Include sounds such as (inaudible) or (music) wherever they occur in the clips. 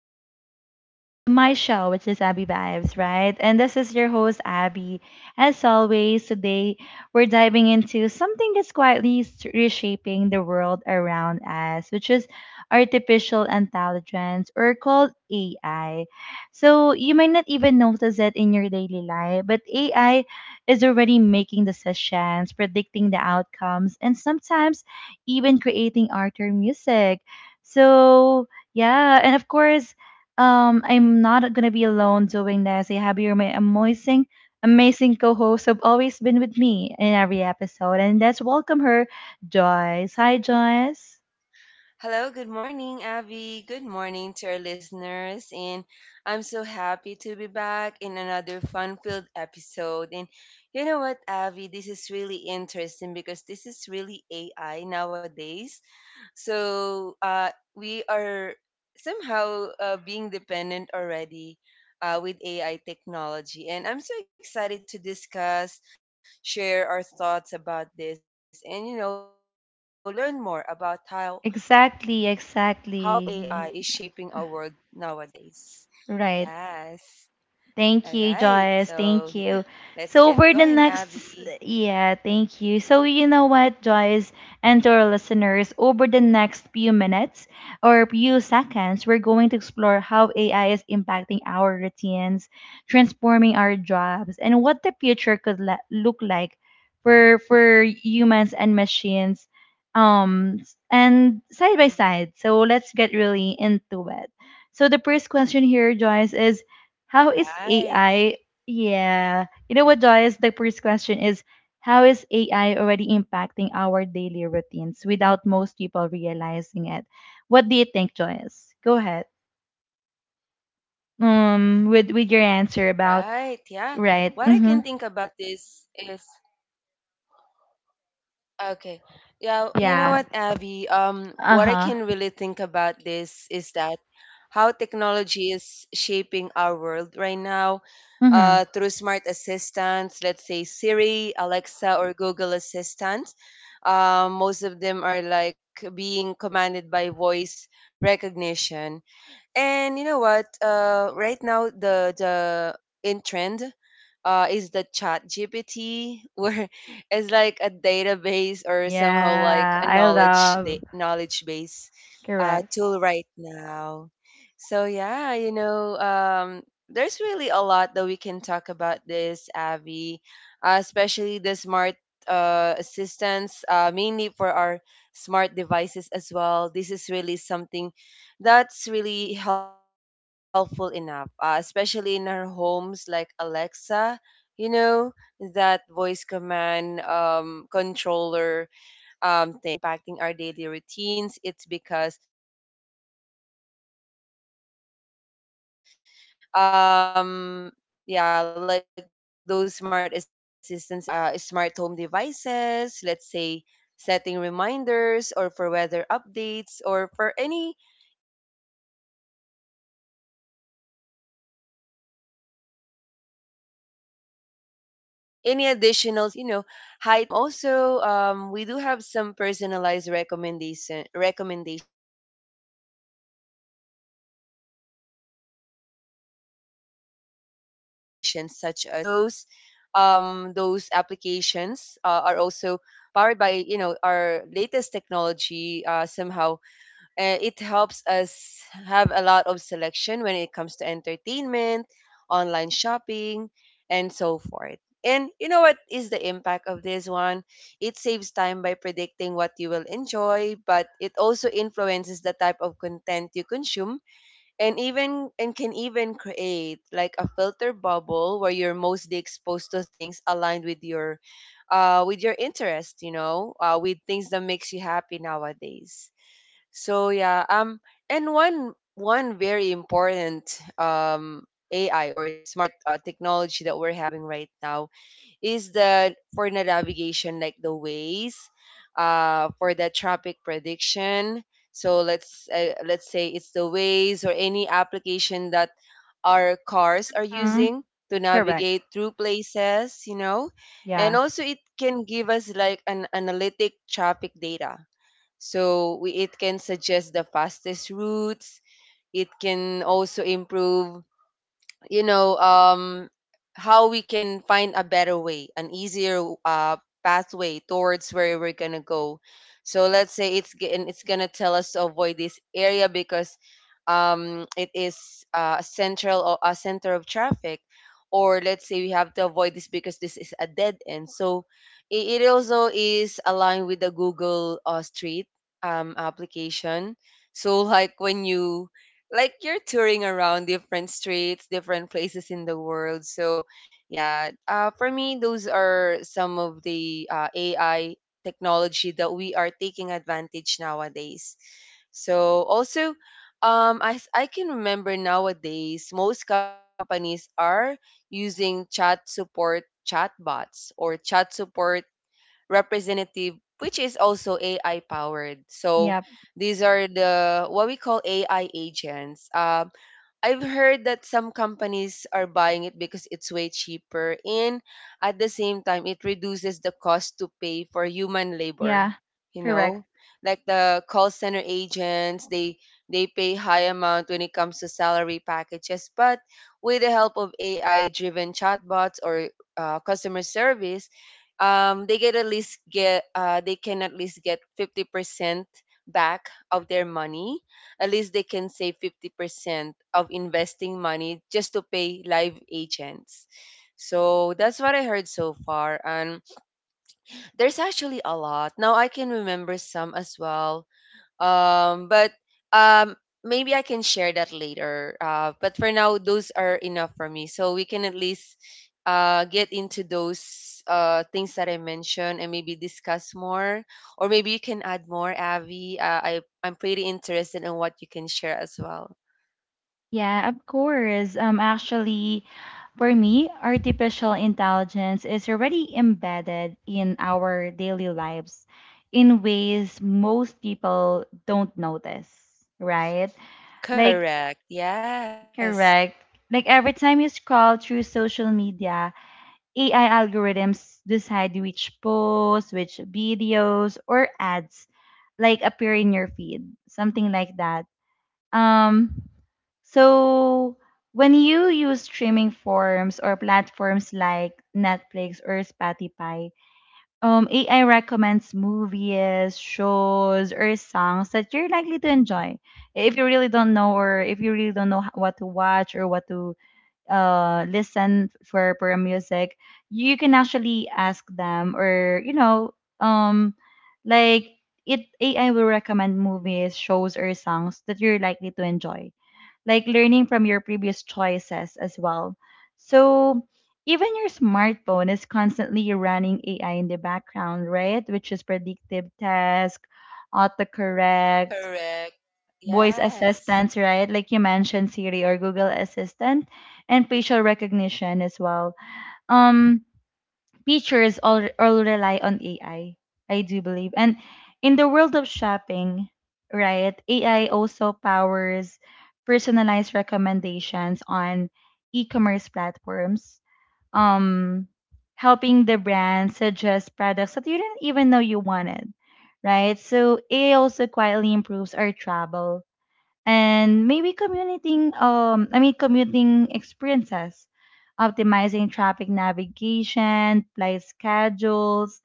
to my show, which is Abby Vibes, right? And this is your host Abby. As always, today we're diving into something that's quietly reshaping the world around us, which is artificial intelligence or called AI. So you might not even notice it in your daily life, but AI is already making decisions, predicting the outcomes, and sometimes even creating art or music. So yeah, and of course, I'm not gonna be alone doing this. I have your amazing co-hosts who've always been with me in every episode, and let's welcome her, Joyce. Hi, Joyce. Hello, good morning, Abby. Good morning to our listeners. And I'm so happy to be back in another fun filled episode. And you know what, Abby? This is really interesting because this is really AI nowadays. so uh, we are somehow being dependent already with AI technology. And I'm so excited to discuss, share our thoughts about this, and you know, learn more about how AI is shaping our Exactly, world nowadays. exactly. Yes. All Right. right. So yeah, Thank you, let's get Joyce. going, Thank you. Abby. So for the next, yeah, thank you. So you know what, Joyce, and to our listeners, over the next few minutes or few seconds, we're going to explore how AI is impacting our routines, transforming our jobs, and what the future could look like for humans and machines, um, and side by side. So let's get really into it. So the first question here, Joyce, is how is AI? Right. Yeah. You know what, Joyce? The first question is, how is AI already impacting our daily routines without most people realizing it? What do you think, Joyce? Go ahead. With All your answer right. about Yeah. What I can right. think Mm-hmm. about this is okay. Yeah, you know Yeah. what, Abby? What I Uh-huh. can really think about this is that how technology is shaping our world right now, Mm-hmm. Through smart assistants, let's say Siri, Alexa, or Google Assistant. Most of them are like being commanded by voice recognition. And you know what? Right now the in trend is the chat GPT (laughs) where it's like a database or somehow like Yeah. a I love. Knowledge base Correct. tool right now. So yeah, you know, there's really a lot that we can talk about this, Avi, especially the smart assistants, mainly for our smart devices as well. This is really something that's really helpful enough, especially in our homes like Alexa. You know, that voice command controller thing. So, yeah, what I can say about how it is impacting our daily routines, it's because, yeah, like those smart assistants and voice recognition, it makes our lives easier through smart home devices, let's say setting reminders or for weather updates or for any additional service that we can achieve or we can get from this, you know, high technology innovation. So also, we do have some personalized recommendations such as Netflix, Spotify, or even Amazon. Those applications are also powered by, you know, our latest technology. Somehow, and it helps us have a lot of selection when it comes to entertainment, online shopping, and so forth. And you know what is the impact of this one? It saves time by predicting what you will enjoy, but it also influences the type of content you consume and even and can even create like a filter bubble where you're mostly exposed to things aligned with your interest, you know, with things that makes you happy nowadays. So yeah, and one very important AI or smart technology that we're having right now is the for the navigation, like the ways, for the traffic prediction. So let's say it's the ways or any application that our cars are Mm-hmm. using to Correct. navigate through places, you know, and Yeah. also it can give us like an analytic traffic data so it can suggest the fastest routes. It can also improve, you know, how we can find a better way, an easier pathway towards where we're gonna go. So let's say it's g- and it's gonna tell us to avoid this area because it is a central or a center of traffic, or let's say we have to avoid this because this is a dead end. So it also is aligned with the Google Street application. So (laughs) like you're touring around different streets, different places in the world. So, yeah, for me, those are some of the AI technology that we are taking advantage nowadays. So, also, as I can remember nowadays, most companies are using chatbots or chat support representative, which is also AI powered. So Yep. these are the what we call AI agents. I've heard that some companies are buying it because it's way cheaper and at the same time it reduces the cost to pay for human Yeah. labor, you Correct. know? Like the call center agents, they pay high amount when it comes to salary packages, but with the help of AI driven chatbots or customer service, they get at least get they can at least get 50% back of their money. At least they can save 50% of investing money just to pay live agents. So that's what I heard so far. And there's actually a lot. Now I can remember some as well, but um, maybe I can share that later. But for now, those are enough for me. So we can at least get into those things that I mentioned and maybe discuss more. Or maybe you can add more, Avi. I'm pretty interested in what you can share as well. Yeah, of course. For me, artificial intelligence is already embedded in our daily lives in ways most people don't notice, right? Correct. Like, Yes. correct. Like, every time you scroll through social media, AI algorithms decide which posts, which videos, or ads like appear in your feed, something like that. um, so when you use streaming forms or platforms like Netflix or Spotify, AI recommends movies, shows, or songs that you're likely to enjoy. If you really don't know, or if you really don't know what to watch or what to listen for music, you can actually ask them, or you know, like it AI will recommend movies, shows, or songs that you're likely to enjoy, like learning from your previous choices as well. So even your smartphone is constantly running AI in the background, right? Which is predictive task, autocorrect, Correct. voice Yes. assistants, right? Like you mentioned, Siri or Google Assistant, and facial recognition as well. Um, Pictures all, rely on AI, I do believe. And in the world of shopping, right, AI also powers personalized recommendations on e-commerce platforms, um, helping the brand suggest products that you didn't even know you wanted, right? So AI also quietly improves our travel and maybe commuting commuting experiences, optimizing traffic navigation, flight schedules,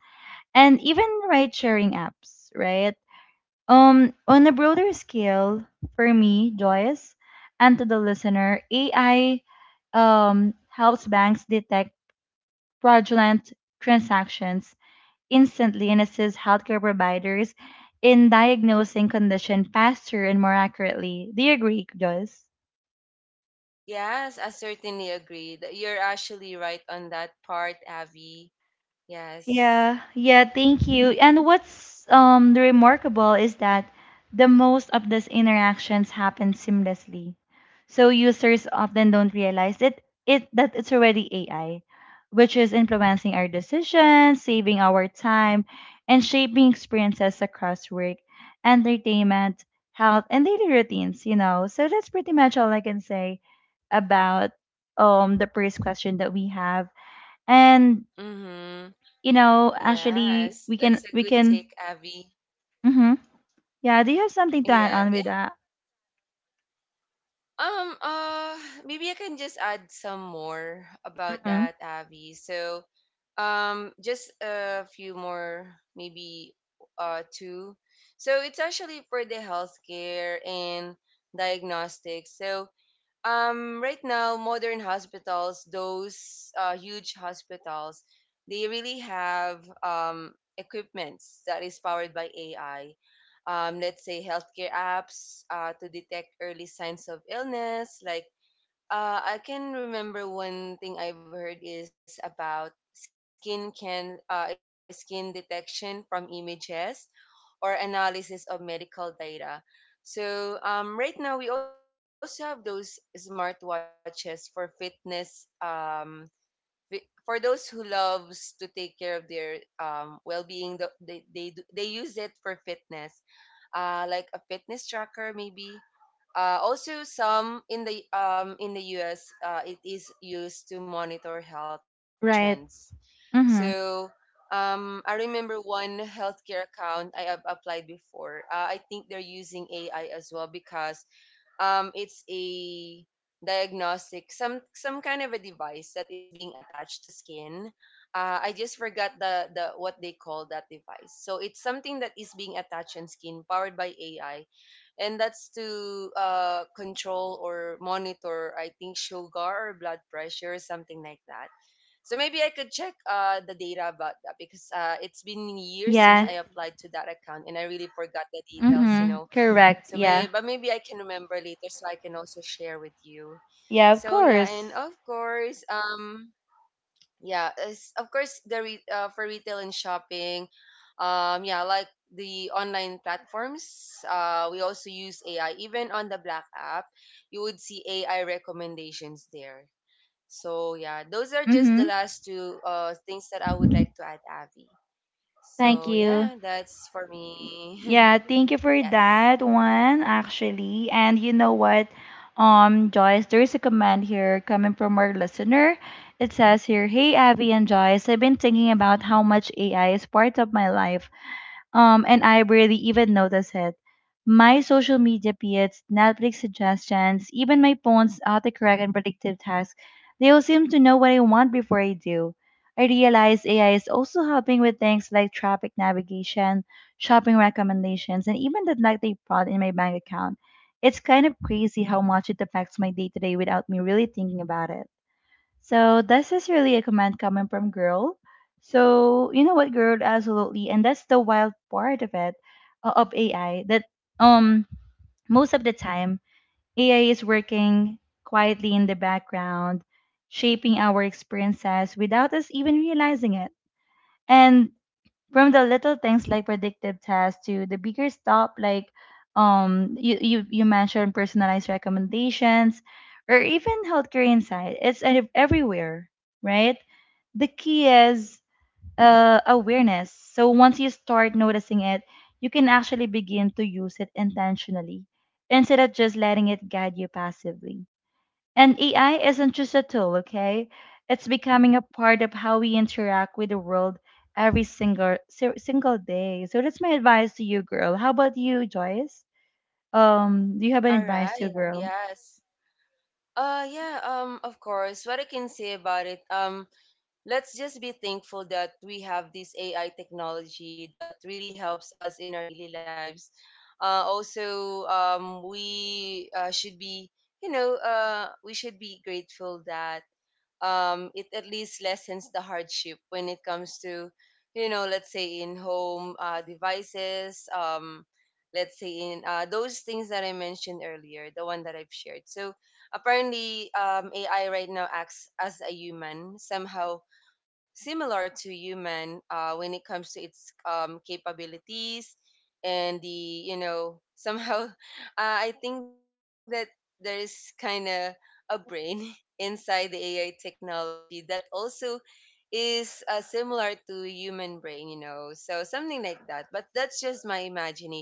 and even ride sharing apps, right? On a broader scale, for me, Joyce, and to the listener, AI helps banks detect fraudulent transactions instantly and assists healthcare providers in diagnosing condition faster and more accurately. Do you agree, Joyce? Yes, I certainly agree. That you're actually right on that part, Avi. Yes. Yeah, yeah, thank you. And what's remarkable is that the most of these interactions happen seamlessly. So users often don't realize it that it's already AI, which is influencing our decisions, saving our time, and shaping experiences across work, entertainment, health, and daily routines, you know. So that's pretty much all I can say about the first question that we have. And Mm-hmm. you know, Yes, actually, that's we a can good we take, can. Avi. Mm-hmm. Yeah. Do you have something to add Yeah, on with yeah. that? Um, uh, Maybe I can just add some more about that, Mm-hmm. Avi. So, just a few more, maybe two. So it's actually for the healthcare and diagnostics. So, right now, modern hospitals, those huge hospitals, they really have equipments that is powered by AI. Let's say healthcare apps to detect early signs of illness. Like I can remember one thing I've heard is about skin detection from images or analysis of medical data. So right now we also have those smartwatches for fitness. For those who loves to take care of their well-being, they use it for fitness. Like a fitness tracker maybe, also, some in the U.S. It is used to monitor health trends. Right. So Mm-hmm. I remember one healthcare account I have applied before. I think they're using AI as well because it's a diagnostic, some kind of a device that is being attached to skin. I just forgot the what they call that device. So it's something that is being attached on skin, powered by AI, and that's to control or monitor, I think, sugar or blood pressure or something like that. So maybe I could check the data about that because it's been years Yeah. since I applied to that account and I really forgot the details, Mm-hmm. you know. Correct. Yeah. Maybe I can remember later so I can also share with you. Yeah. Of So yeah, course. and of course, the for retail and shopping, yeah, like the online platforms. We also use AI. Even on the black app you would see AI recommendations there. So yeah, Mm-hmm. those are just the last two things that I would like to add, Avi. Thank you. So yeah, that's for Yeah, thank you me. for that (laughs) one Yes, actually. And you know what? Joyce, there is a comment here coming from our listener. It says here, hey Abby and Joyce, I've been thinking about how much AI is part of my life. And I barely even notice it. My social media feeds, Netflix suggestions, even my phone's autocorrect and predictive tasks, they all seem to know what I want before I do. I realize AI is also helping with things like traffic navigation, shopping recommendations, and even the likely fraud in my bank account. It's kind of crazy how much it affects my day to day without me really thinking about it. So this is really a comment coming from girl. So you know what, girl, absolutely, and that's the wild part of it, of AI. That um most of the time AI is working quietly in the background, shaping our experiences without us even realizing it. And from the little things like predictive tests to the bigger stuff like you mentioned personalized recommendations or even healthcare insight, it's everywhere, right? The key is awareness. So once you start noticing it, you can actually begin to use it intentionally instead of just letting it guide you passively. And AI isn't just a tool, okay? It's becoming a part of how we interact with the world every single single day. So that's my advice to you, girl. How about you, Joyce? Do you have an all advice to a right, girl? yes. Yeah of course, what I can say about it, let's just be thankful that we have this AI technology that really helps us in our daily lives. Also, we should be, you know, we should be grateful that it at least lessens the hardship when it comes to, you know, let's say in home devices, let's say in those things that I mentioned earlier, the one that I've shared. So apparently, AI right now acts as a human, somehow similar to human when it comes to its capabilities. And the, you know, somehow (laughs) I think that there is kind of a brain (laughs) inside the AI technology that also is similar to human brain, you know. So something like that. But that's just my imagination, Avi.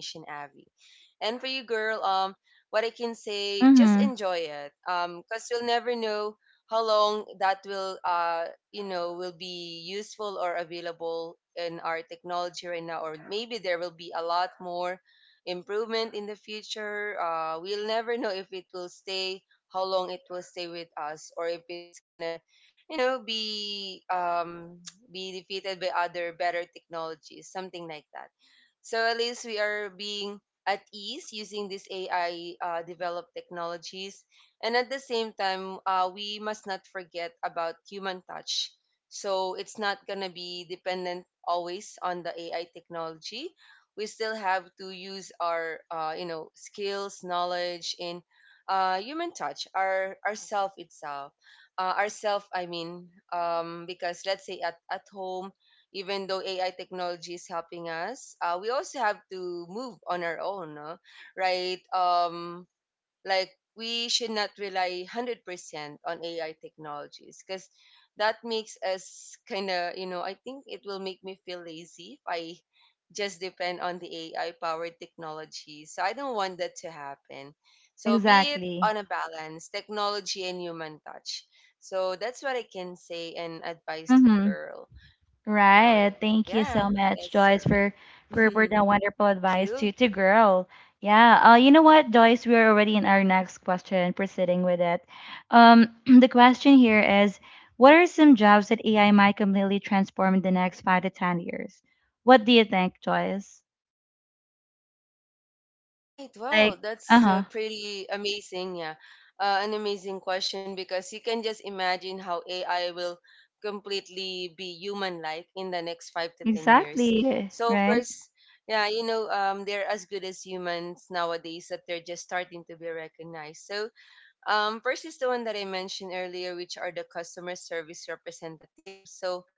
And for you, girl, what I can say, just enjoy Mm-hmm. it. Cause you'll never know how long that will, you know, will be useful or available in our technology right now, or maybe there will be a lot more improvement in the future. We'll never know if it will stay, how long it will stay with us, or if it's gonna, you know, be (tsk) be defeated by other better technologies, something like that. So at least we are being at ease using these AI developed technologies. And at the same time, we must not forget about human touch. So it's not going to be dependent always on the AI technology. We still have to use our, you know, skills, knowledge, and human touch, ourself. I mean, because let's say at home, even though AI technology is helping us, we also have to move on our own, no? Right? Like, we should not rely 100% on AI technologies because that makes us kind of, you know, I think it will make me feel lazy if I just depend on the AI powered technology. So I don't want that to happen. So be it Exactly. on a balance, technology and human touch. So that's what I can say and advise the Mm-hmm. girl. So Right. yeah, Thank you so that's for much, me. Joyce, for (laughs) for that Thank wonderful you. advice to girl. Yeah. You know what, Joyce, we're already in our next question, proceeding with it. (clears throat) The question here is, what are some jobs that AI might completely transform in the next 5 to 10 years? What do you think, Joyce? Right. Wow, Like, that's uh-huh. pretty amazing. Yeah, an amazing question because you can just imagine how AI will completely be human-like in the next 5 to 10 years. Exactly. So of Right? course, yeah, they're as good as humans nowadays that they're just starting to be recognized. First is the one that I mentioned earlier, which are the customer service representatives.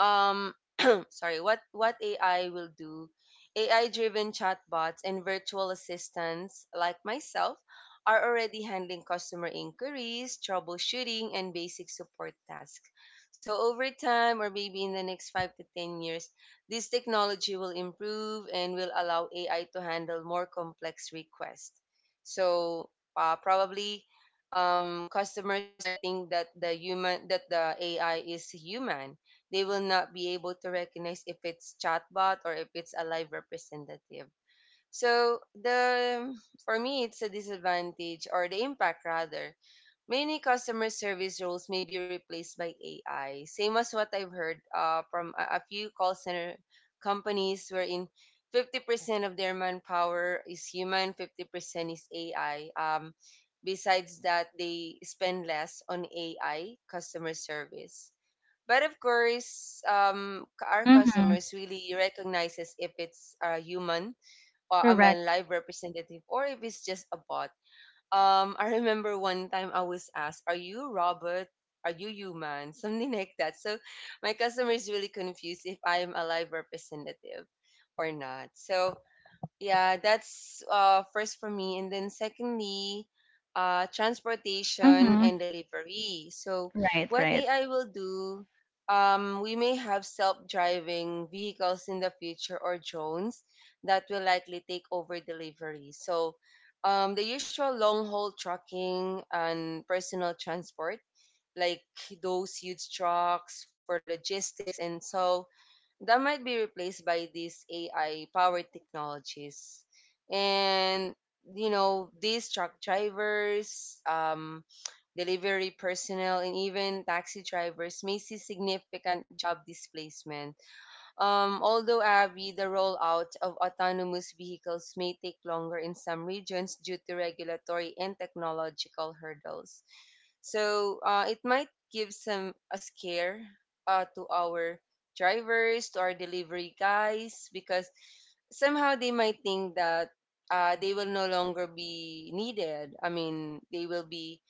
um (clears throat) Sorry, what AI will do. AI-driven chatbots and virtual assistants like myself are already handling customer inquiries, troubleshooting, and basic support tasks. So over time, or maybe in the next 5 to 10 years, this technology will improve and will allow AI to handle more complex requests. So probably customers might think that the AI is human, they will not be able to recognize if it's chatbot or if it's a live representative. So the for me it's a disadvantage, or the impact rather. Many customer service roles may be replaced by AI. Same as what I've heard from a few call center companies wherein 50% of their manpower is human, 50% is AI. Besides that, they spend less on AI customer service. But of course, our Mm-hmm. customers really recognizes if it's a human or I'm a Correct. live representative, or if it's just a bot. I remember one time I was asked, "Are you Robert? Are you human?" (laughs) Something like that. So my customer is really confused if I'm a live representative or not. So yeah, that's first for me. And then secondly, transportation Mm-hmm. and delivery. So Right, what right, AI will do, we may have self-driving vehicles in the future, or drones that will likely take over delivery. So the usual long-haul trucking and personal transport, like those huge trucks for logistics, and so that might be replaced by these AI powered technologies. And you know, these truck drivers, delivery personnel, and even taxi drivers may see significant job displacement, although, Avi, the rollout of autonomous vehicles may take longer in some regions due to regulatory and technological hurdles. So it might give some a scare to our drivers, to our delivery guys, because somehow they might think that they will no longer be needed. I mean, they will be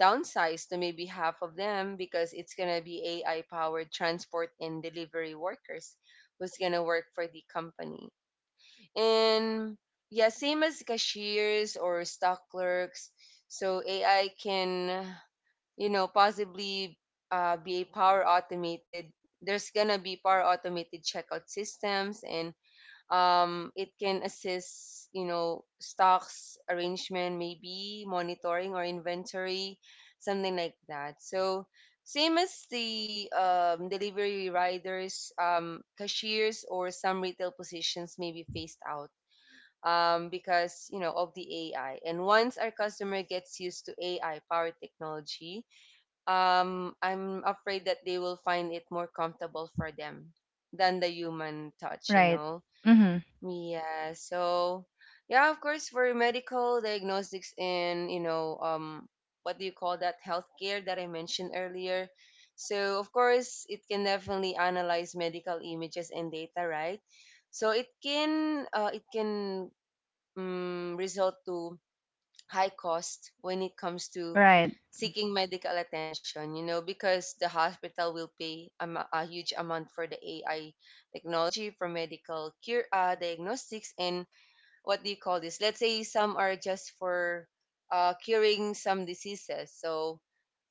downsized to maybe half of them, because it's going to be AI powered transport and delivery workers who's gonna work for the company. And yeah, same as cashiers or stock clerks. So AI can, you know, possibly be a power automated. There's gonna be power automated checkout systems, and it can assist, you know, stocks arrangement, maybe monitoring or inventory, something like that. So same as the delivery riders, cashiers, or some retail positions may be phased out, because you know of the AI, and once our customer gets used to AI powered technology, I'm afraid that they will find it more comfortable for them than the human touch, you right. know. Mm-hmm. Yeah, so yeah, of course, for medical diagnostics and what do you call that, healthcare that I mentioned earlier? So of course, it can definitely analyze medical images and data, right? So it can result to high cost when it comes to Right, seeking medical attention, you know, because the hospital will pay a huge amount for the AI technology for medical cure, diagnostics, and what do you call this? Let's say some are just for curing some diseases. So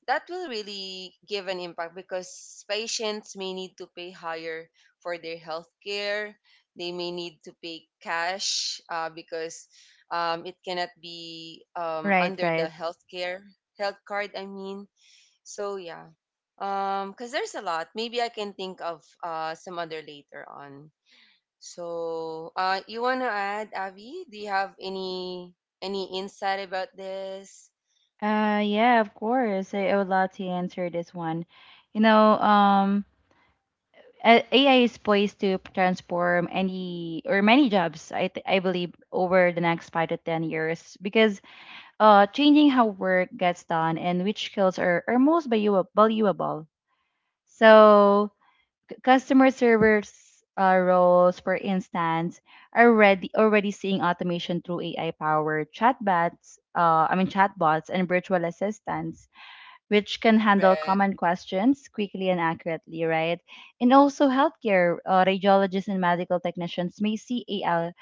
that will really give an impact because patients may need to pay higher for their health care. They may need to pay cash, because it cannot be, right, under the right. healthcare, health card, I mean. So, yeah, because there's a lot. Maybe I can think of some other later on. So, you want to add, Avi? Do you have any insight about this? Yeah, of course. I would love to answer this one. You know, AI is poised to transform any or many jobs. I believe over the next 5 to 10 years because changing how work gets done and which skills are most valuable. So, customer service roles, for instance, are already seeing automation through AI powered chatbots. I mean chatbots and virtual assistants which can handle Correct. common questions quickly and accurately, right? And also, healthcare radiologists and medical technicians may see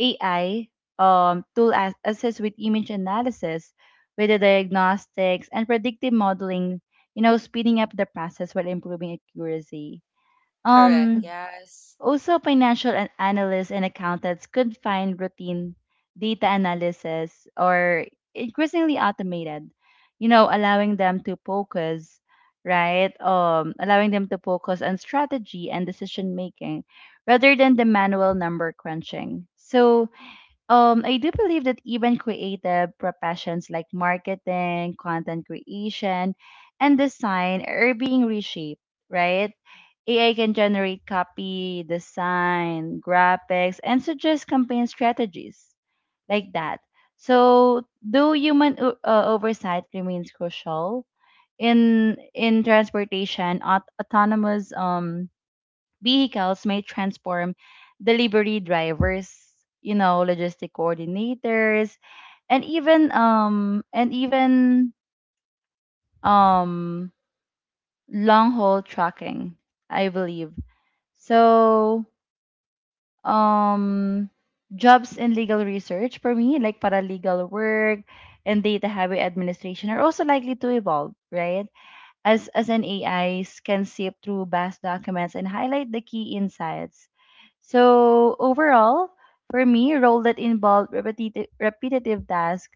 AI tool assist with image analysis, with the diagnostics and predictive modeling, you know, speeding up the process while improving accuracy. Correct. Um, Yes. Also, financial analysts and accountants could find routine data analysis or increasingly automated, you know, allowing them to focus, right? Allowing them to focus on strategy and decision making rather than the manual number crunching. So, I do believe that even creative professions like marketing, content creation, and design are being reshaped, right? AI can generate copy, design, graphics, and suggest campaign strategies like that. So, though human oversight remains crucial in transportation, autonomous vehicles may transform delivery drivers, you know, logistic coordinators, and even um long haul trucking, I believe. So um jobs in legal research for me, like paralegal work and data heavy administration are also likely to evolve, right? As an AI, can sift through vast documents and highlight the key insights. So overall, for me, role that involved repetitive task,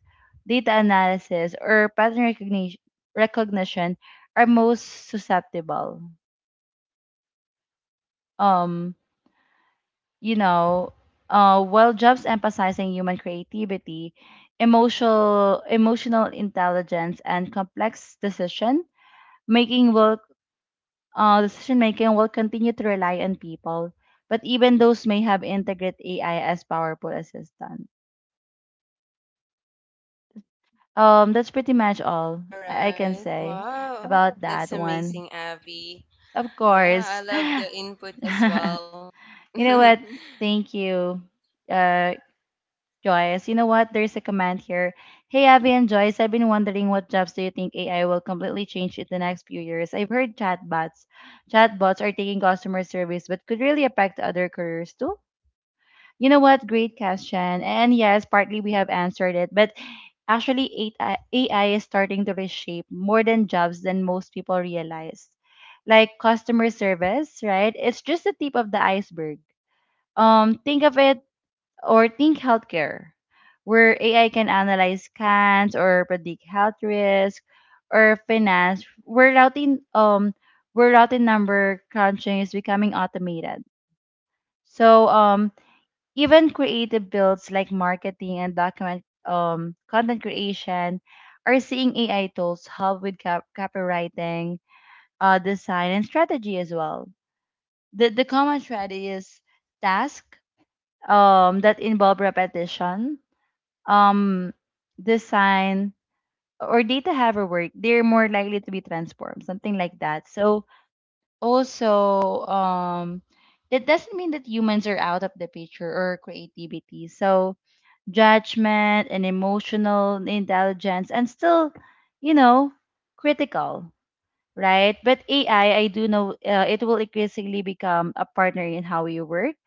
data analysis, or pattern recognition are most susceptible. Um, you know, while jobs emphasizing human creativity, emotional intelligence, and complex making will decision making will continue to rely on people, but even those may have integrate AI as powerful assistant. That's pretty much all All I can right. say Wow. about That's that one. amazing, Abby. Of Yeah, I course. love the input as well. (laughs) (laughs) you know what? Thank you, uh, Joyce. You know what? There's a comment here. Hey, Abby and Joyce, I've been wondering what jobs do you think AI will completely change in the next few years? I've heard Chatbots are taking customer service, but could really affect other careers too. You know what? Great question. And yes, partly we have answered it, but actually AI is starting to reshape more than jobs than most people realize. Like customer service, right? It's just the tip of the iceberg. Think of it or think healthcare, where AI can analyze scans or predict health risk, or finance, where routing number crunching is becoming automated. So even creative fields like marketing and document content creation are seeing AI tools help with copywriting, design, and strategy as well. The common thread is tasks that involve repetition, um, design, or data heavy work. They're more likely to be transformed, something like that. So, also, that doesn't mean that humans are out of the picture or creativity. So, judgment and emotional intelligence and still, you know critical, right? But AI, I do know it will increasingly become a partner in how we work,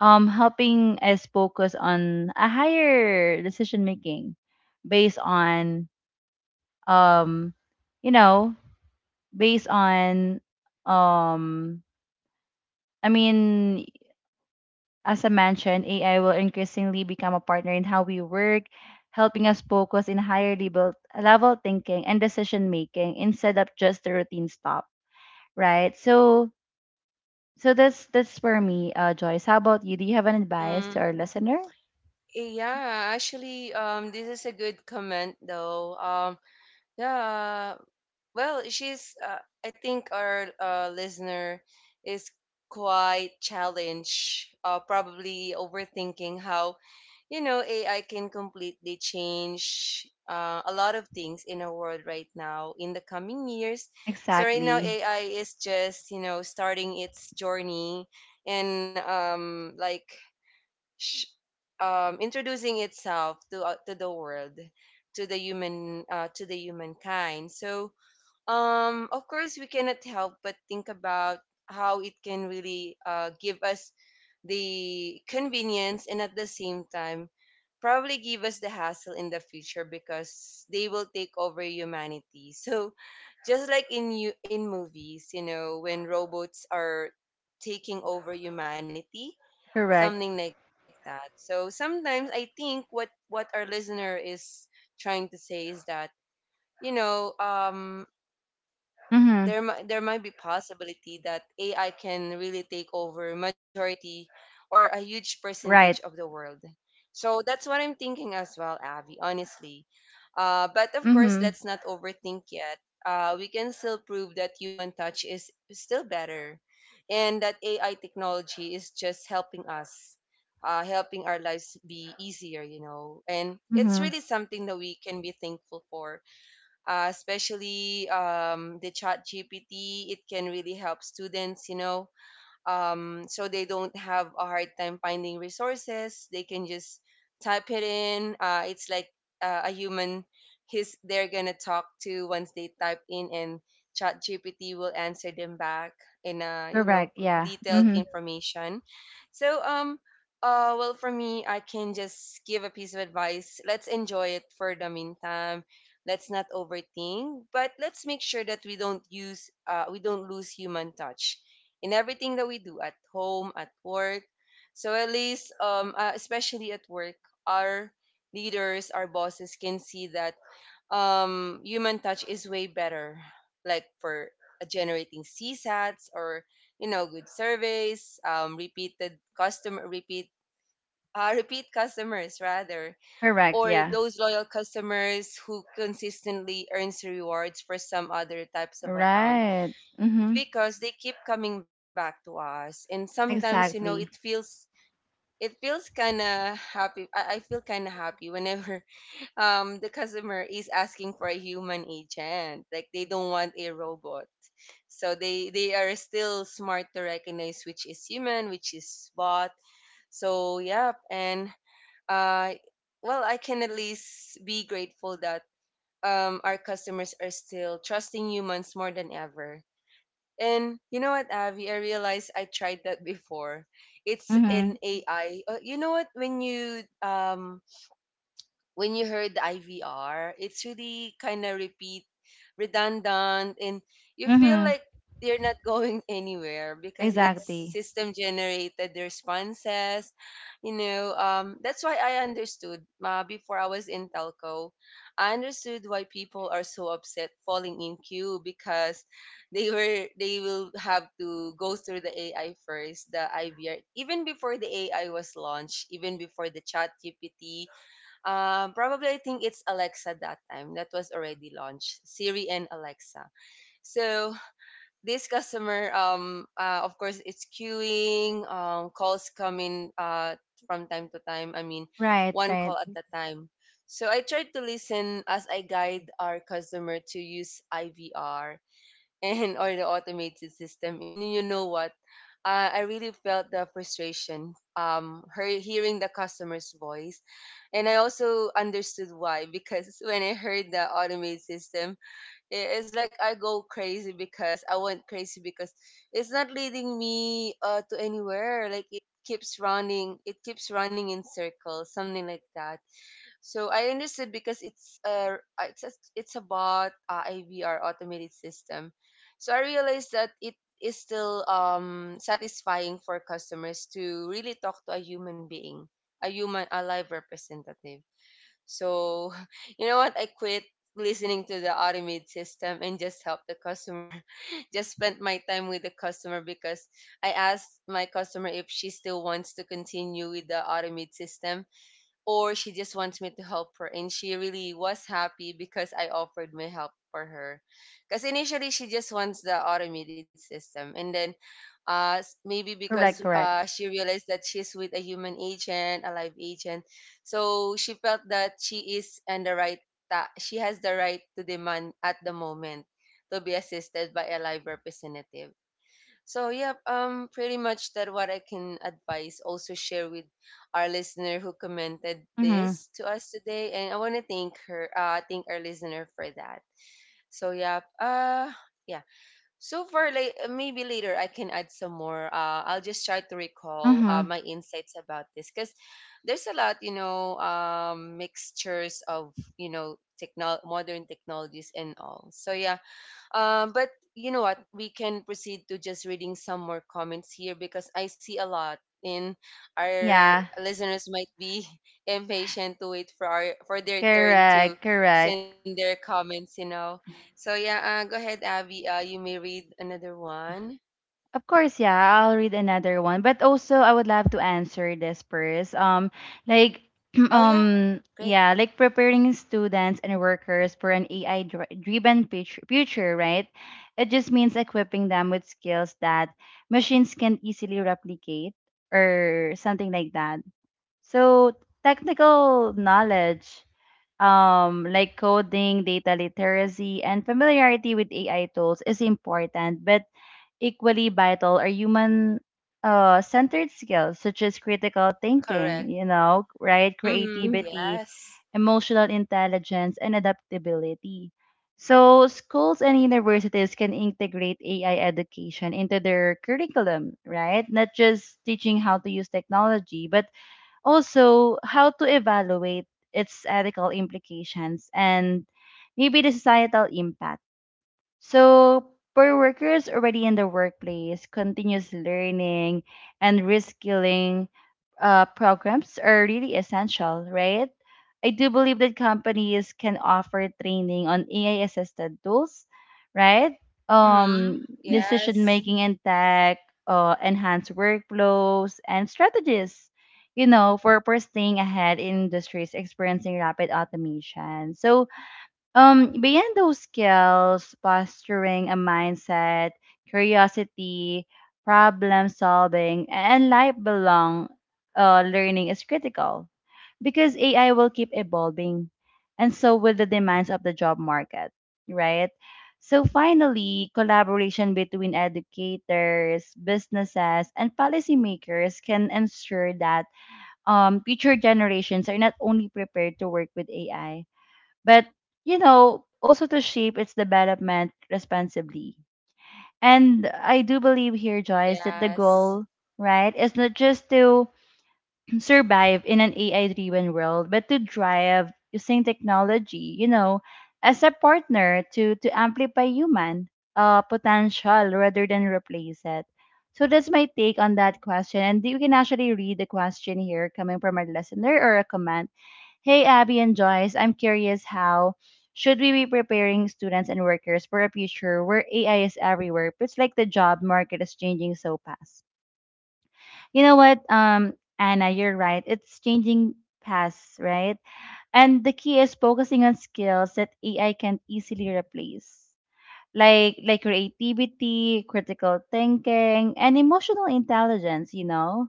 helping us focus on a higher decision making based on um you know based on um I mean as I mentioned, AI will increasingly become a partner in how we work, helping us focus in higher level thinking and decision making instead of just the routine stuff, right? So that's for me, Joyce. How about you? Do you have an advice to Mm. our listener? Yeah, actually, this is a good comment though. Yeah, well, I think our listener is quite challenged, probably overthinking how, you know, AI can completely change a lot of things in our world right now in the coming years. So, right now, Exactly. AI is just, you know, starting its journey, and sh- introducing itself to the world. To the human, to the humankind. So, um, of course we cannot help but think about how it can really give us the convenience, and at the same time probably give us the hassle in the future, because they will take over humanity. (laughs) So just like in you in movies, you know, when robots are taking over humanity, Correct. something like that. So sometimes I think what our listener is trying to say is that, you know um Mm-hmm. there there might be possibility that AI can really take over majority or a huge percentage of Right. the world. So that's what I'm thinking as well, Avi. Honestly, but of course, Mm-hmm. let's not overthink yet. We can still prove that human touch is still better, and that AI technology is just helping us. Helping our lives be easier, you know, and it's Mm-hmm. really something that we can be thankful for, especially the chat gpt, it can really help students, you know, so they don't have a hard time finding resources. They can just type it in. It's like a human his they're gonna talk to once they type in, and ChatGPT will answer them back in a, Correct. Yeah. detailed Mm-hmm. information. So um. Well, for me, I can just give a piece of advice. Let's enjoy it for the meantime. Let's not overthink, but let's make sure that we don't lose human touch in everything that we do at home, at work. So at least, especially at work, our leaders, our bosses can see that human touch is way better, like for generating CSATs, or you know, good surveys, repeated customer repeat. (laughs) Repeat customers rather, Correct. or Yeah. those loyal customers who consistently earns rewards for some other types of account, Right. Mm-hmm. because they keep coming back to us, and sometimes you know it Exactly. feels, it feels kind of happy I feel kind of happy whenever (laughs) the customer is asking for a human agent, like they don't want a robot. So they are still smart to recognize which is human, which is bot. So yeah, and uh well, I can at least be grateful that our customers are still trusting humans more than ever. And you know what, Avi? I realized I tried that before. It's Mm-hmm. an AI. You know what? When you heard the IVR, it's really kind of repeat, redundant, and you feel Mm-hmm. like you're not (laughs) going anywhere because it's Exactly. system generated responses. You know, that's why I understood, before I was in telco. I understood why people are so upset falling in queue, because they will have to go through the AI first, the IVR, even before the AI was launched, even before the chat GPT. Um, probably I think it's Alexa that time that was already launched, Siri and Alexa. So this customer, of course, it's queuing. Calls come in from time to time. I mean, Right. one Right. call at a time. So I tried to listen as I guide our customer to use IVR (laughs) and or the automated system. And you know what? I really felt the frustration. Her hearing the customer's voice, and I also understood why, because when I heard the automated system, it's like I went crazy because it's not leading me to anywhere. Like it it keeps running in circles, something like that. So I understood because it's a, it's about IVR automated system. So I realized that it is still, um, satisfying for customers to really talk to a human being, a live representative. So, (laughs) you know what? I quit listening to the automated system and just help the customer. (laughs) Just spent my time with the customer because I asked my customer if she still wants to continue with the automated system or she just wants me to help her, and she really was happy because I offered my help for her. Cuz initially she just wants the automated system, and then maybe because Correct, correct. she realized that she's with a human agent, a live agent. So she felt that she is and the right she has the right to demand at the moment to be assisted by a live representative, so pretty much that what I can advise. Also share with our listener who commented Mm-hmm. this to us today, and I want to thank her. Thank our listener for that. So yeah. So far, like maybe later I can add some more. I'll just try to recall Mm-hmm. my insights about this because there's a lot, mixtures of you know technol modern technologies and all. So yeah, but you know what? We can proceed to just reading some more comments here because I see a lot, and our Yeah. listeners might be (laughs) impatient to wait for our for their turn to Correct, send correct. their comments. You know, so go ahead, Abby. You may read another one. Of course, yeah, I'll read another one. But also I would love to answer this first. Like Oh yeah, (clears throat) great, yeah, like preparing students and workers for an AI driven future, right? It just means equipping them with skills that machines can easily replicate or something like that. So technical knowledge, like coding, data literacy, and familiarity with AI tools is important, but equally vital are human centered skills such as critical correct. thinking, right? Mm, Creativity, yes. emotional intelligence, and adaptability. So, schools and universities can integrate AI education into their curriculum, right? Not just teaching how to use technology, but also how to evaluate its ethical implications and maybe the societal impact. So, for workers already in the workplace, continuous learning and reskilling programs are really essential, right? I do believe that companies can offer training on AI assisted tools, right? Mm-hmm. Um, Decision Yes. making in tech, enhanced workflows, and strategies, you know, for staying ahead in industries experiencing rapid automation. So, beyond those skills, posturing, a mindset, curiosity, problem solving, and lifelong learning is critical because AI will keep evolving, and so will the demands of the job market, right? So finally, collaboration between educators, businesses, and policymakers can ensure that, future generations are not only prepared to work with AI, but, you know, also to shape its development responsibly. And I do Correct. believe here, Joyce, that the Yes. goal, right, is not just to survive in an AI driven world, but to drive using technology, you know, as a partner to amplify human potential rather than replace it. So that's my take on that question. And you can actually read the question here coming from our listener or a comment. Hey, Abby and Joyce, I'm curious how should we be preparing students and workers for a future where AI is everywhere? It's like the job market is changing so fast. You know what, Anna, you're right. It's changing paths, right? And the key is focusing on skills that AI can easily replace, like creativity, critical thinking, and emotional intelligence. You know,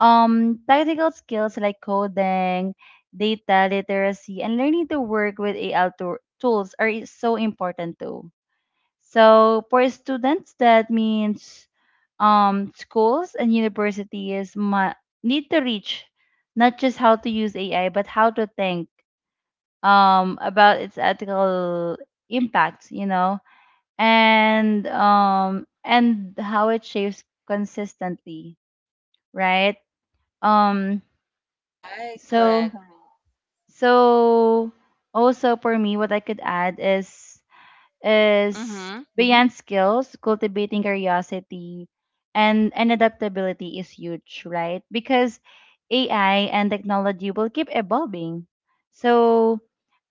technical skills like coding, data literacy, and learning to work with AI tools are so important too. So for students, that means, schools and universities mu need to reach not just how to use AI, but how to think, about its ethical impacts, you know, and how it shapes consistently, right? Um, Right. so Correct. so Also, for me, what I could add is Mm-hmm. beyond skills, cultivating curiosity and adaptability is huge, right? Because AI and technology will keep evolving. So,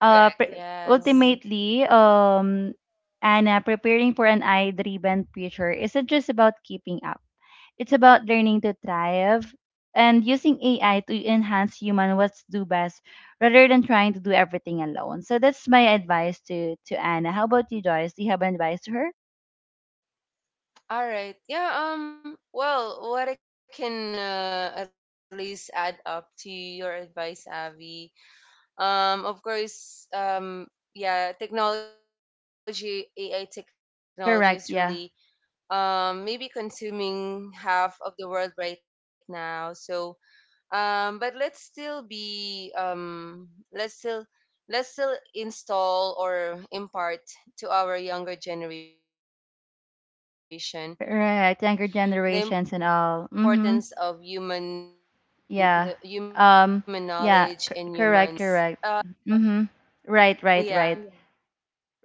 uh, pre- Yes. ultimately, Anna, preparing for an AI driven future isn't just about keeping up. It's about learning to thrive and using AI to enhance human what's do best rather than trying to do everything alone. So that's my advice to Anna. How about you, Joyce? Do you have an advice to her? All right. Yeah. Well, what I can at least add up to your advice, Avi. Of course. Yeah. Technology, AI technology is really maybe Correct, consuming yeah. half of the world right now. So but let's still be let's still let's still install or impart to our younger generation the importance of human the human knowledge and human Right, touch, younger generations so and at all. least Mm-hmm. yeah, because if Yeah. we're just gonna Um, show them yeah, that correct, correct. Mm-hmm. Right, right, right. yeah.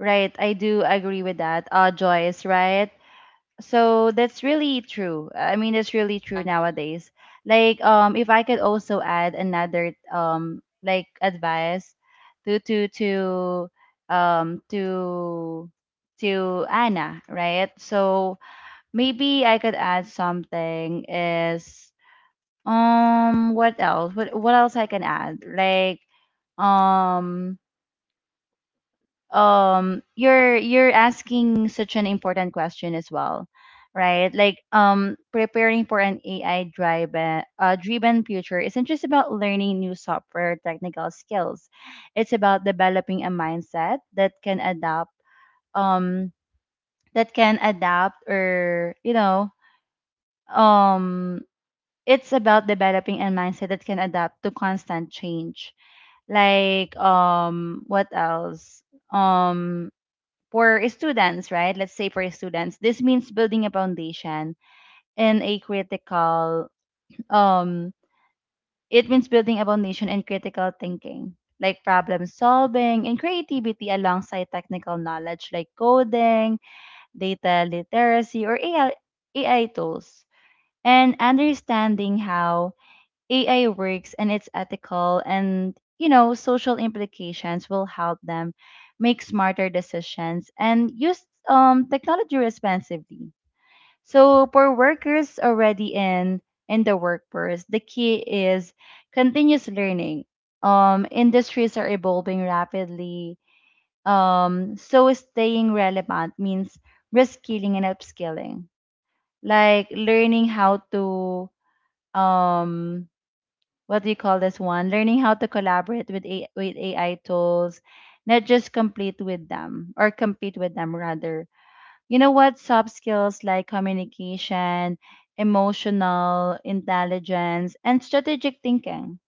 Right, I (laughs) All do right, agree with that. Joyce, right? So that's really true. I mean, that's really true nowadays. Like, if I could also add another, like advice to to to um to to Anna, right? So maybe I could add something is, what else? What else I can add? Like, um you're asking such an important question as well, right? Like, preparing for an AI driven driven future isn't just about learning new software technical skills. It's about developing a mindset that can adapt, um that can adapt or you know um it's about developing a mindset that can adapt to constant change. Like, what else? um for students, right? Let's say for students, this means building a foundation and a critical, um it means building a foundation and critical thinking, like problem solving and creativity alongside technical knowledge like coding, data literacy, or AI tools, and understanding how AI works and it's ethical and, you know, social implications will help them make smarter decisions and use, technology responsibly. So for workers already in the workforce, the key is continuous learning. Industries are evolving rapidly. So staying relevant means reskilling and upskilling, like learning how to, um what do you call this one? Learning how to collaborate with AI tools, not just complete with them or compete with them rather. You know what? Soft skills like communication, emotional intelligence, and strategic thinking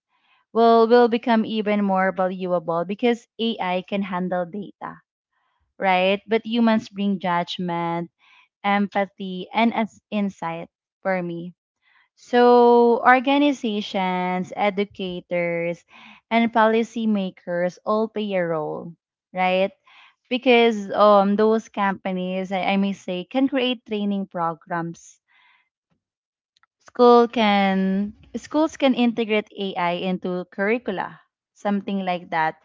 will become even more valuable because AI can handle data, right? But humans bring judgment, empathy, and as insight for me. So, organizations, educators, and policymakers all play a role, right? Because, those companies, I, may say, can create training programs. Schools can integrate AI into curricula, something like that,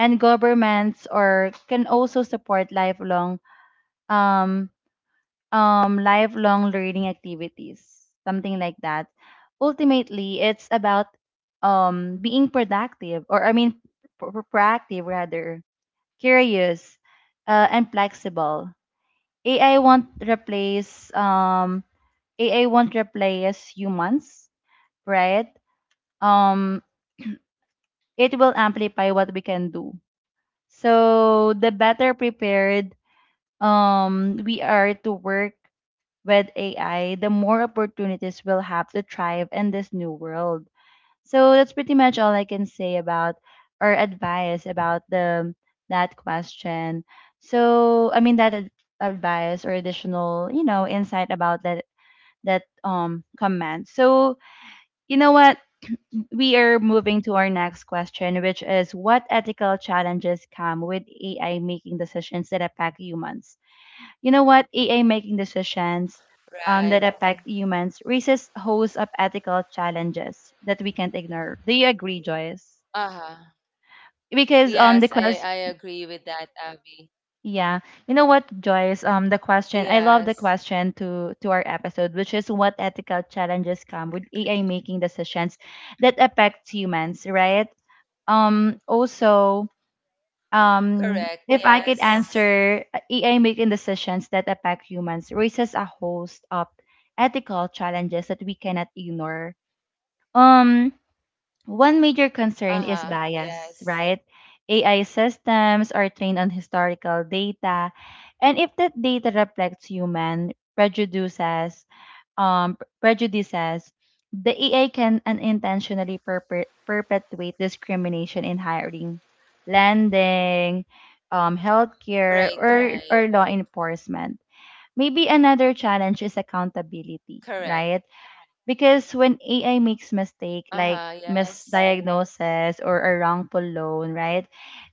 and governments or can also support lifelong, um, lifelong learning activities, something like that. Ultimately it's about, being productive or I mean pro- pro- proactive rather, curious, and flexible. ai won't replace um AI won't replace humans, right? um it will amplify what we can do. So the better prepared, we are to work with AI, the more opportunities we'll have to thrive in this new world. So that's pretty much all I can say about or advice about the that question. So I mean that advice or additional, you know, insight about that that comment. So you know what? We are moving to our next question, which is what ethical challenges come with AI making decisions that affect humans? You know what? AI making right. decisions, that affect humans raises hosts of ethical challenges that we can't ignore. Do you agree, Uh-huh. Joyce? Yes, I Because, agree with that, Abby. yeah, you know what, Yes, Joyce? The question I love the question to our episode, which is what ethical challenges come with AI making decisions that affect humans, right? Also correct, yes. If I could answer, AI making decisions that affect humans raises a host of ethical challenges that we cannot ignore. Um, Uh-huh. one Yes. major concern is bias, right? AI systems are trained on historical data, and if that data reflects human prejudices, prejudices, the EA can unintentionally perpetuate discrimination in hiring, lending, Right, right. Healthcare, or law enforcement. Maybe another Correct. challenge is accountability, right? Because when Uh-huh. AI makes Yes. mistake like misdiagnosis or a wrongful loan, right?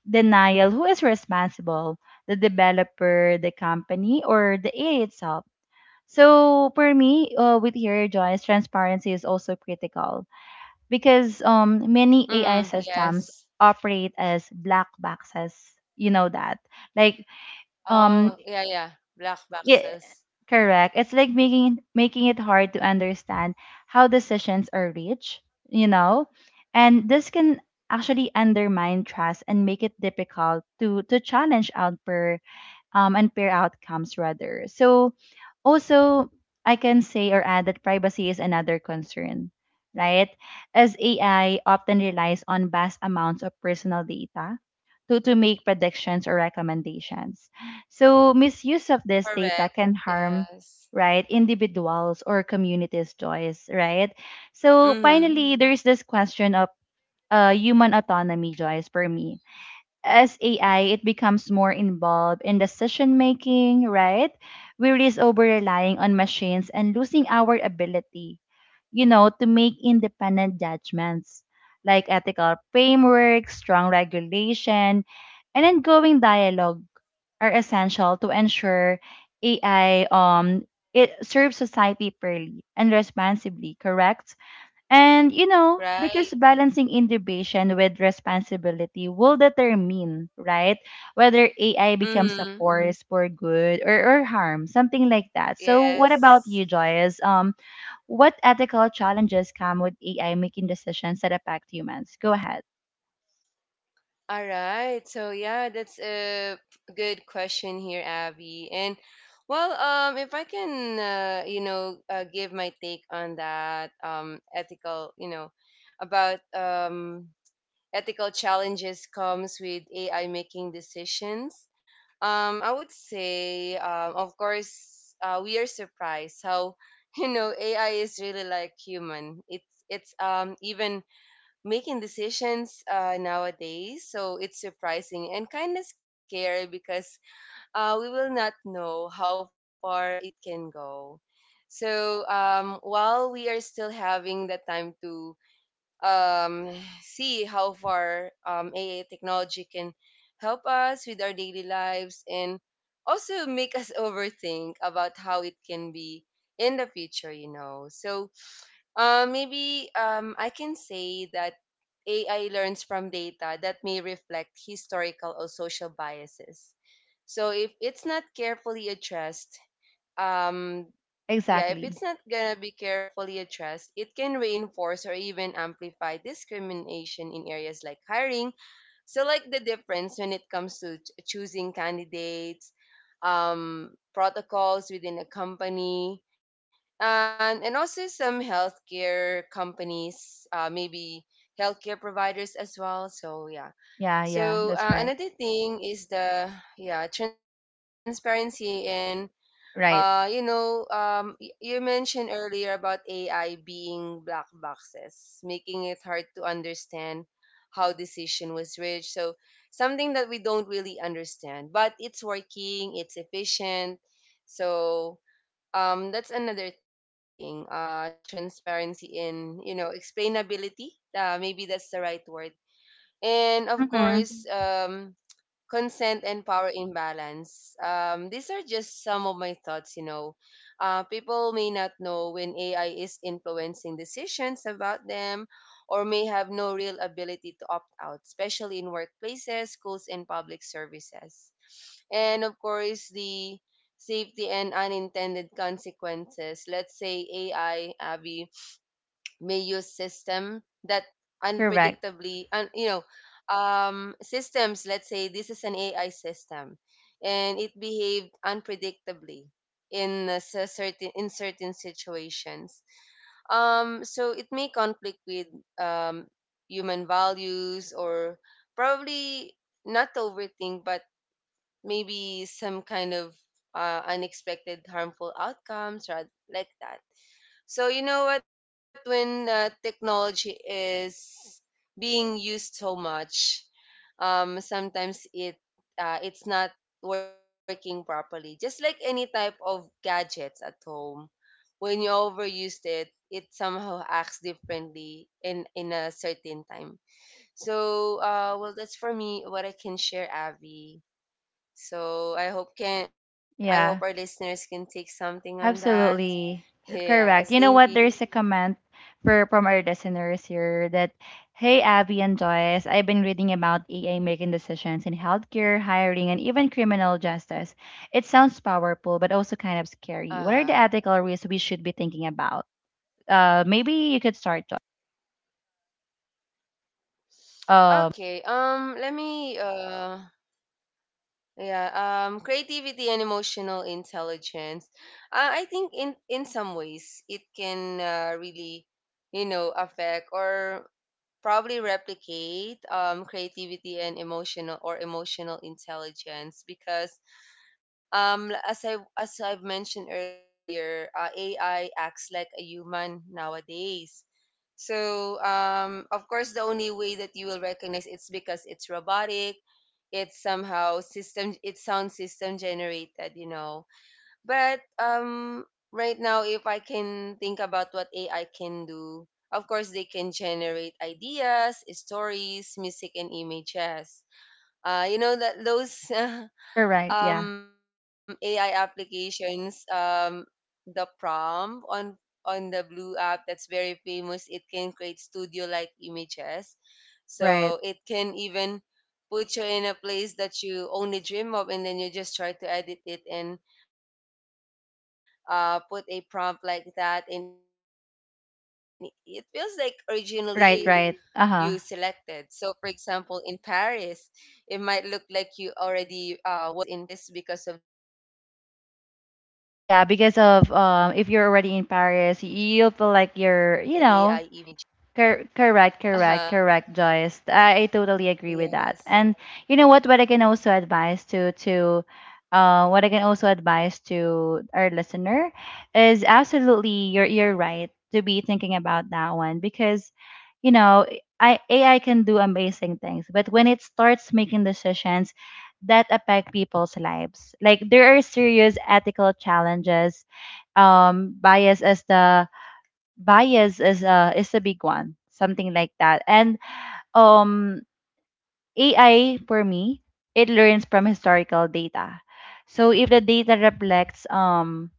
Denial, who is responsible? The developer, the company, or the AI itself? So for me, with here, Joyce, transparency is also critical because, Mm-hmm. many AI Yes. systems operate as black boxes. You know that, like, Oh, yeah, yeah. um Black boxes. yeah, correct. It's like making it hard to understand how decisions are reached. You know, and this can actually undermine trust and make it difficult to challenge outper and pair outcomes rather. So also I can say or add that privacy is another concern, right? As AI often relies on vast amounts of personal data to make predictions or recommendations. So misuse of this Correct. data can harm, Yes. right, individuals or communities choice, right? Mm-hmm. So finally there's this question of, human autonomy, Joyce, for me. As AI, it becomes more involved in decision making, right? We risk over relying on machines and losing our ability, you know, to make independent judgments, like ethical framework, strong regulation, and ongoing dialogue are essential to ensure AI, it serves society fairly and responsibly, correct? And you know, Right. because balancing innovation with responsibility will determine, right, whether AI becomes a Mm-hmm. force for good or harm, something like that. So what about Yes. you, Joyce? What ethical challenges come with AI making decisions that affect humans? Go ahead. All right. So yeah, that's a good question here, Abby. And well, if I can, you know, give my take on that, ethical, you know, about ethical challenges comes with AI making decisions. I would say, of course, we are surprised how (laughs) you know AI is really like human. It's even making decisions nowadays, so it's surprising and kind of scary because we will not know how far it can go. So while we are still having the time to um, see how far AA technology can help us with our daily lives and also make us (laughs) overthink about how it can be in the future, you know. So maybe I can say that AI learns from data that may reflect historical or social biases. So if it's not carefully addressed, um, yeah, if Exactly. it's not gonna be carefully addressed, it can reinforce or even amplify discrimination in areas like hiring. So, like the difference when it comes to choosing candidates, protocols within a company, and also some healthcare companies, maybe healthcare providers as well. So yeah. Yeah, yeah, that's right. So another thing is the yeah transparency in Right. You know, you mentioned earlier about AI being black boxes, making it hard to understand how decision was reached. So something that we don't really understand, but it's working, it's efficient. So that's another thing. Transparency in you know explainability. Maybe that's the right word. And of course, Mm-hmm. Consent and power imbalance. These are just some of my thoughts, you know. People may not know when AI is influencing decisions about them or may have no real ability to opt out, especially in workplaces, schools, and public services. And of course, the safety and unintended consequences. Let's say AI, Abby, may use system that Correct. unpredictably and you know systems let's say this is an AI system and it behaved unpredictably in a certain situations, so it may conflict with um human values or probably, not to overthink, but maybe some kind of unexpected harmful outcomes or like that. So you know what? When technology is being used so much, sometimes it it's not working properly. Just like any type of gadgets at home, when you overused it, it somehow acts differently in a certain time. So well, that's for me what I can share, Avi. So I hope our listeners can Yeah. take something on that. (laughs) Yes, Absolutely. thank you. You Correct. You know what? There's a comment for from our listeners here that, hey, Abby and Joyce, I've been reading about EA making decisions in healthcare, hiring, and even criminal justice. It sounds powerful, but also kind of Uh-huh. scary. What are the ethical risks we should be thinking about? Maybe you could start, Joyce. Okay. Um, Let me yeah, creativity and emotional intelligence. I think in some ways it can really, you know, affect or probably replicate creativity and emotional intelligence because as I've mentioned earlier, AI acts like a human nowadays. So of course the only way that you will recognize it's because it's robotic, it's somehow system, it sounds system generated, you know. But right now if I can think about what AI can do, of course they can generate ideas, stories, music, and images. You know that those (laughs) you right. Yeah. AI applications, the prompt on the Blue app that's very famous. It can create studio like images. Right. So it can even put you in a place that you only dream of and then you just try to edit it and put a prompt like that and it feels like originally taken on the studio or on Right. the Right. certain Uh place huh. You selected. So, for example, in Paris, it might look like you already was in Paris because of the AI Yeah, because of, imaging. If you're already So, in of Paris, course, it. you'll feel like you're, you know, correct, correct, correct, Joyce. Uh-huh, I totally agree with that. And you know what? What I can yes. also advise to What I can also advise to our listener is absolutely you're right to be thinking about that one because you know I AI can do amazing things, but when it starts making decisions that affect people's lives, like there are serious ethical challenges. Bias as the Bias is a big one, something like that. And um AI for me, it learns from historical data. So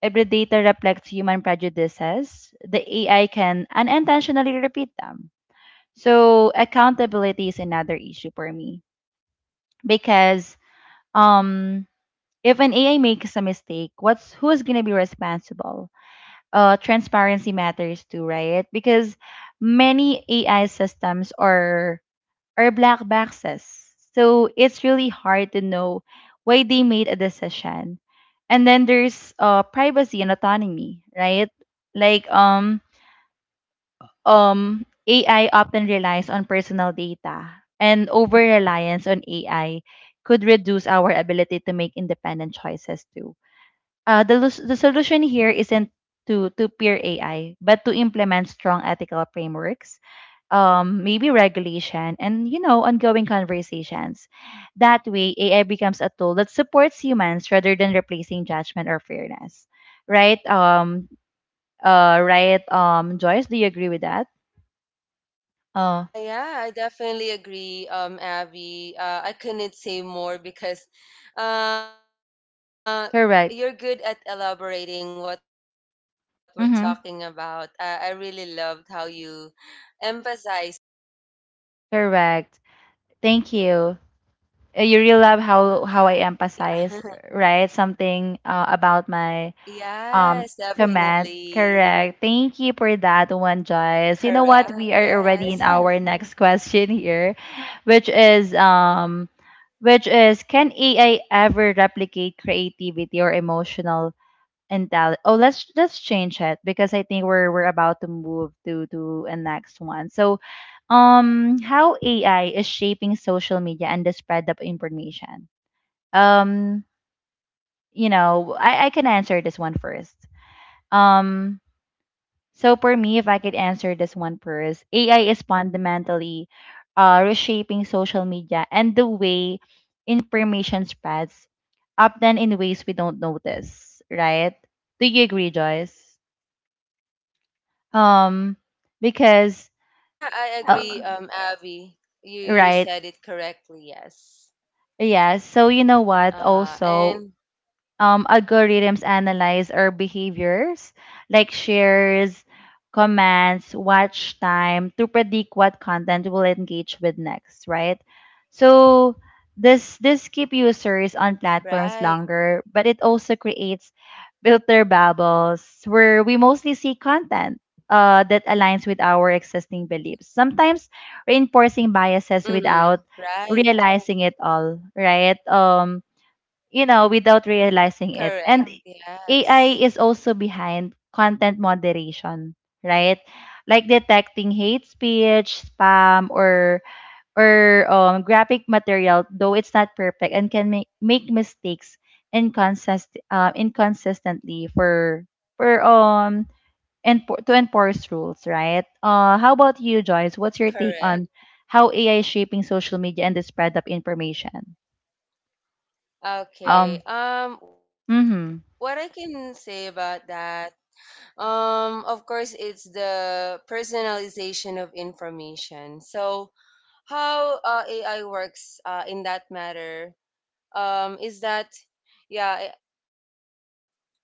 if the data reflects human prejudices, the AI can unintentionally repeat them. So accountability is another issue for me, because um if an AI makes a mistake, what's who's going to be responsible? Uh, transparency matters too, right? Because many AI systems are black boxes, so it's really hard to know why they made a decision. And then there's privacy and autonomy, right? Like um AI often relies on personal data, and over reliance on AI could reduce our ability to make independent choices too. The solution here isn't to peer AI, but to implement strong ethical frameworks, maybe regulation, and you know, ongoing conversations. That way, AI becomes a tool that supports humans rather than replacing judgment or fairness, Right? Um. Right. Joyce, do you agree with that? Oh, Yeah, I definitely agree, Abby. I couldn't say more because uh, you're good at Correct. elaborating what we're talking about. I really loved how Mm-hmm. you emphasized Correct. Thank you. on You really that. love Yeah. how I (laughs) emphasize, right? Something Yes, about my definitely. um comment. Correct. Thank you for that Correct. one, Yes. Joyce. (laughs) You know what? We are already in our next (laughs) question here, which is um which is can AI ever replicate creativity or emotional intelligence? Oh, let's change it because I think we're about to move to a next one. So, how AI is shaping social media and the spread of information? Um, you know, I can answer this one first. Um, so for me, if I could answer this one first, AI is fundamentally reshaping social media and the way information spreads, often in ways we don't notice, right? Do you agree, Joyce? Um, because Yeah, I agree, uh, Avi. You said right, it correctly, yes. yeah. So you know what? Also, And algorithms analyze our behaviors, like shares, comments, watch time, to predict what content we'll engage with next, right? So this keep users on platforms Right. longer, but it also creates filter bubbles where we mostly see content that aligns with our existing beliefs. Sometimes reinforcing biases without Mm-hmm. Right. realizing it all, right? You know, without realizing it. And Correct. AI is also Yes. behind content moderation, right? Like detecting hate speech, spam, or graphic material, though it's not perfect and can make mistakes inconsistently for and to enforce rules, right? How about you, Joyce? What's your take on how AI is Correct. shaping social media and the spread of information? Um. Okay. Mm-hmm. What I can say about that, of course, it's the personalization of information. So, how AI works in that matter is that, yeah,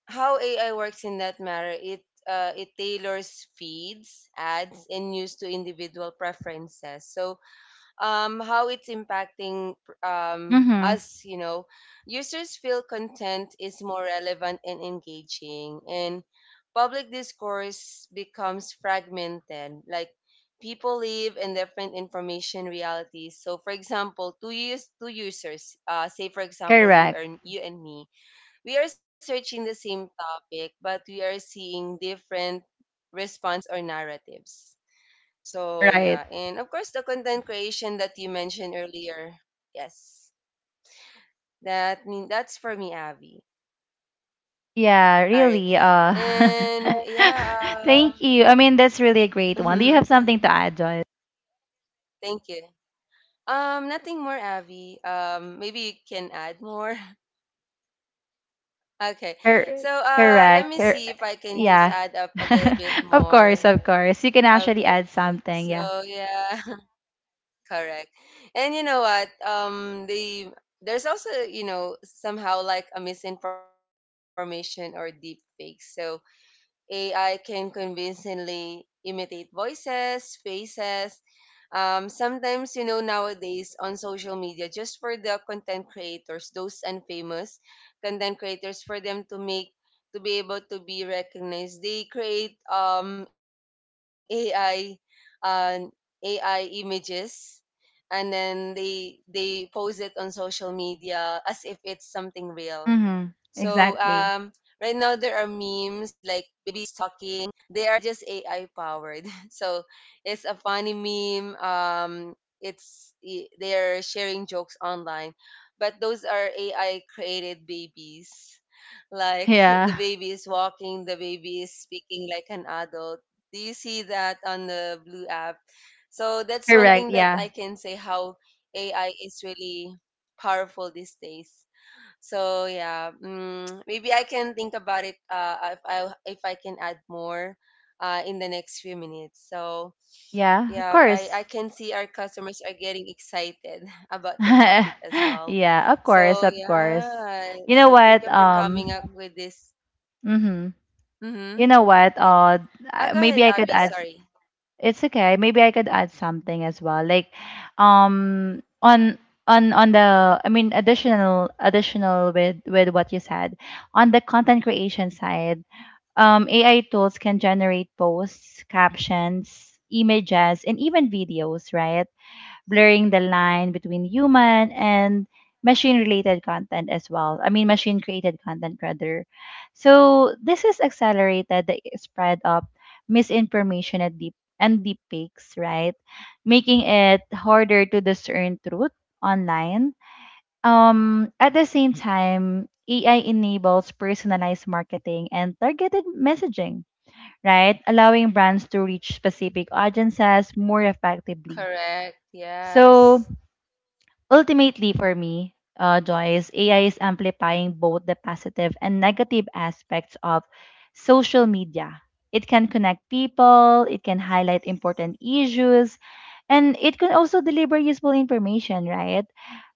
how AI works in that matter, it tailors feeds, ads, and news to individual preferences. So, how it's impacting Mm-hmm. us, you know, users feel content is more relevant and engaging, and public discourse becomes fragmented. Like people live in different information realities. So, for example, two users, say for example, Correct. you and me, we are searching the same topic, but we are seeing different responses or narratives. So, Right. yeah. And of course, the content creation that you mentioned earlier. Yes. That's for me, Abby. Yeah, really. All right. And (laughs) thank yeah, you. I mean, that's really a great one. Do you have something uh, to add, Joy? (laughs) thank you. Nothing more, Abby. Maybe you can add more. (laughs) Cor- correct. Okay. Cor- So, yeah. let me (laughs) see if I can just Of add up course, a of little course. bit You can actually more. add something. Yeah. Okay. So, yeah. (laughs) Correct. And you know what? There's also you know somehow like a misinformation or deep fake. So AI can convincingly imitate voices, faces. Sometimes you know nowadays on social media, just for the content creators, those unfamous content creators, for them to make to be able to be recognized, they create um AI, uh, AI images and then they post it on social media as if it's something real. Mm-hmm. So Exactly. Right now there are memes like babies talking. They are just AI powered. (laughs) So it's a funny meme. They're sharing jokes online, but those are AI created babies. (laughs) Like the Yeah. baby is walking, the baby is speaking like an adult. Do you see that on the Blue app? So that's one thing Correct. that I Yeah. can say how AI is really powerful these days. So yeah, mm, maybe I can think about it if I can add more in the next few minutes. So Yeah. Of yeah, course. I can see our customers are getting excited (laughs) about the (laughs) topic as well. Yeah. Of course. Of So course. yeah, You know so what? thank you for coming up with this. Mm-hmm. You Mm-hmm. know what? Ah, go Maybe ahead, I could Abby. add. Sorry. It's okay. Maybe I could add something as well. Like, um, on on the, I mean, additional with what you said on the content creation side, AI tools can generate posts, captions, images, and even videos, right? Blurring the line between human and machine related content as well. I mean, machine created content rather. So this has accelerated the spread of misinformation and deep fakes, right? Making it harder to discern truth online. At the same time, AI enables personalized marketing and targeted messaging, right? Allowing brands to reach specific audiences more effectively. Correct. So Yes. Ultimately, for me, Joyce, AI is amplifying both the positive and negative aspects of social media. It can connect people, it can highlight important issues, and it can also deliver useful information, right?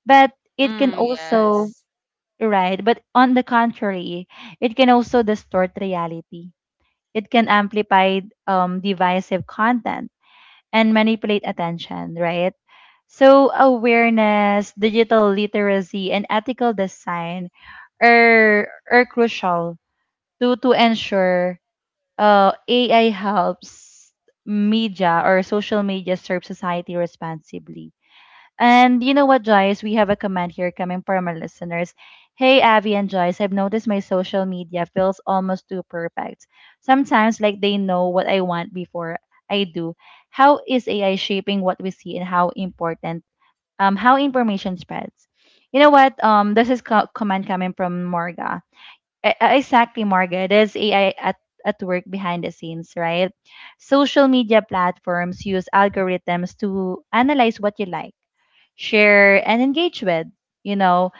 But it can Mm, also, yes. right? But on the contrary, it can also distort reality. It can amplify divisive content and manipulate attention, right? So, awareness, digital literacy, and ethical design are crucial to ensure AI helps media or social media serve society responsibly. And you know what, Joyce? We have a comment here coming from our listeners. Hey, Avi and Joyce, I've noticed my social media feels almost too perfect. Sometimes, like, they know what I want before I do. How is AI shaping what we see and how important, how information spreads? You know what? Comment coming from Morga. Exactly, Marga. There's AI at work behind the scenes, right? Social media platforms use algorithms to analyze what you like, share, and engage with, you know,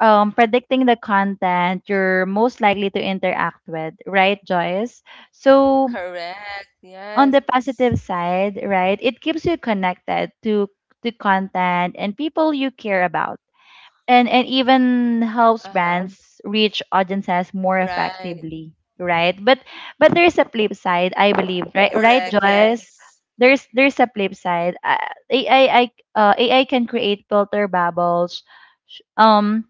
predicting the content you're most likely to interact with, right, Joyce? So, Correct. on the Yes. positive side, right, it keeps you connected to content and people you care about, Uh-huh. And even helps brands reach Right. audiences more effectively, right? But but there's a flip side, Correct. I believe, right? Yes. Right, Joyce? There's a flip side. Ai i AI can create filter bubbles, sh- um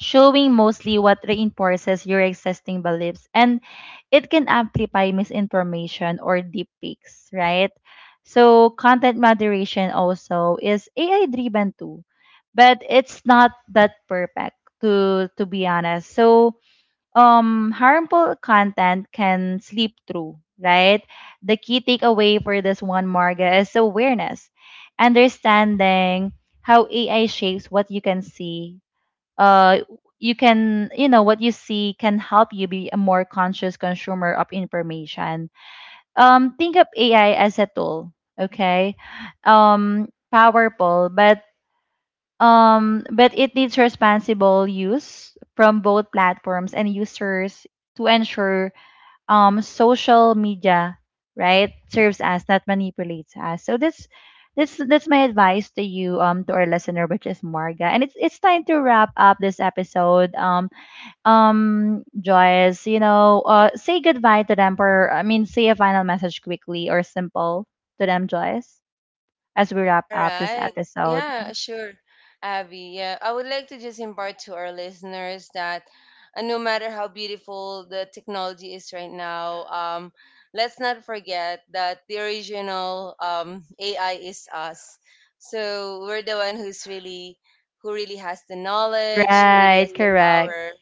showing mostly what reinforces your existing beliefs, and it can amplify misinformation or deep fakes, right? So content moderation also is AI driven too, but it's not that perfect, to be honest. So harmful content can slip through, right? The key takeaway for this one, Marga, is awareness, understanding how AI shapes what you can see. uh you know, what you see can help you be a more conscious consumer of information. Um, think of AI as a tool, okay? Powerful, but it needs responsible use from both platforms and users to ensure social media, right, serves us, not manipulates us. So that's my advice to you, um, to our listener, which is Marga. And it's time to wrap up this episode. Joyce, you know, say goodbye to them, for I mean say a final message, quickly or simple, to them, Joyce, as we wrap All up this right. episode. Yeah, sure, Abby. Yeah, I would like to just impart to our listeners that no matter how beautiful the technology is right now, let's not forget that the original AI is us. So we're the one who really has the knowledge, who really Right. has the Correct. power.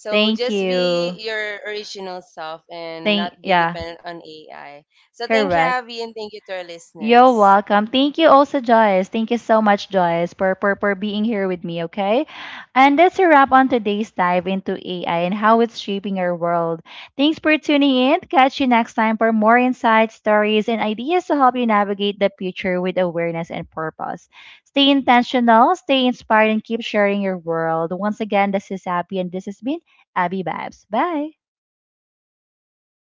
So Thank just be you. your original self and Thank not be Yeah. dependent on AI. So thank you, Correct. Abby, and thank you to our You're listeners. welcome. Thank you also, Joyce. Thank you so much, Joyce, for, for being here with me, okay? And that's a wrap on today's dive into AI and how it's shaping our world. Thanks for tuning in. Catch you next time for more insights, stories, and ideas to help you navigate the future with awareness and purpose. Stay intentional, stay inspired, and keep sharing your world. Once again, this is Abby, and this has been Abby Babs. Bye.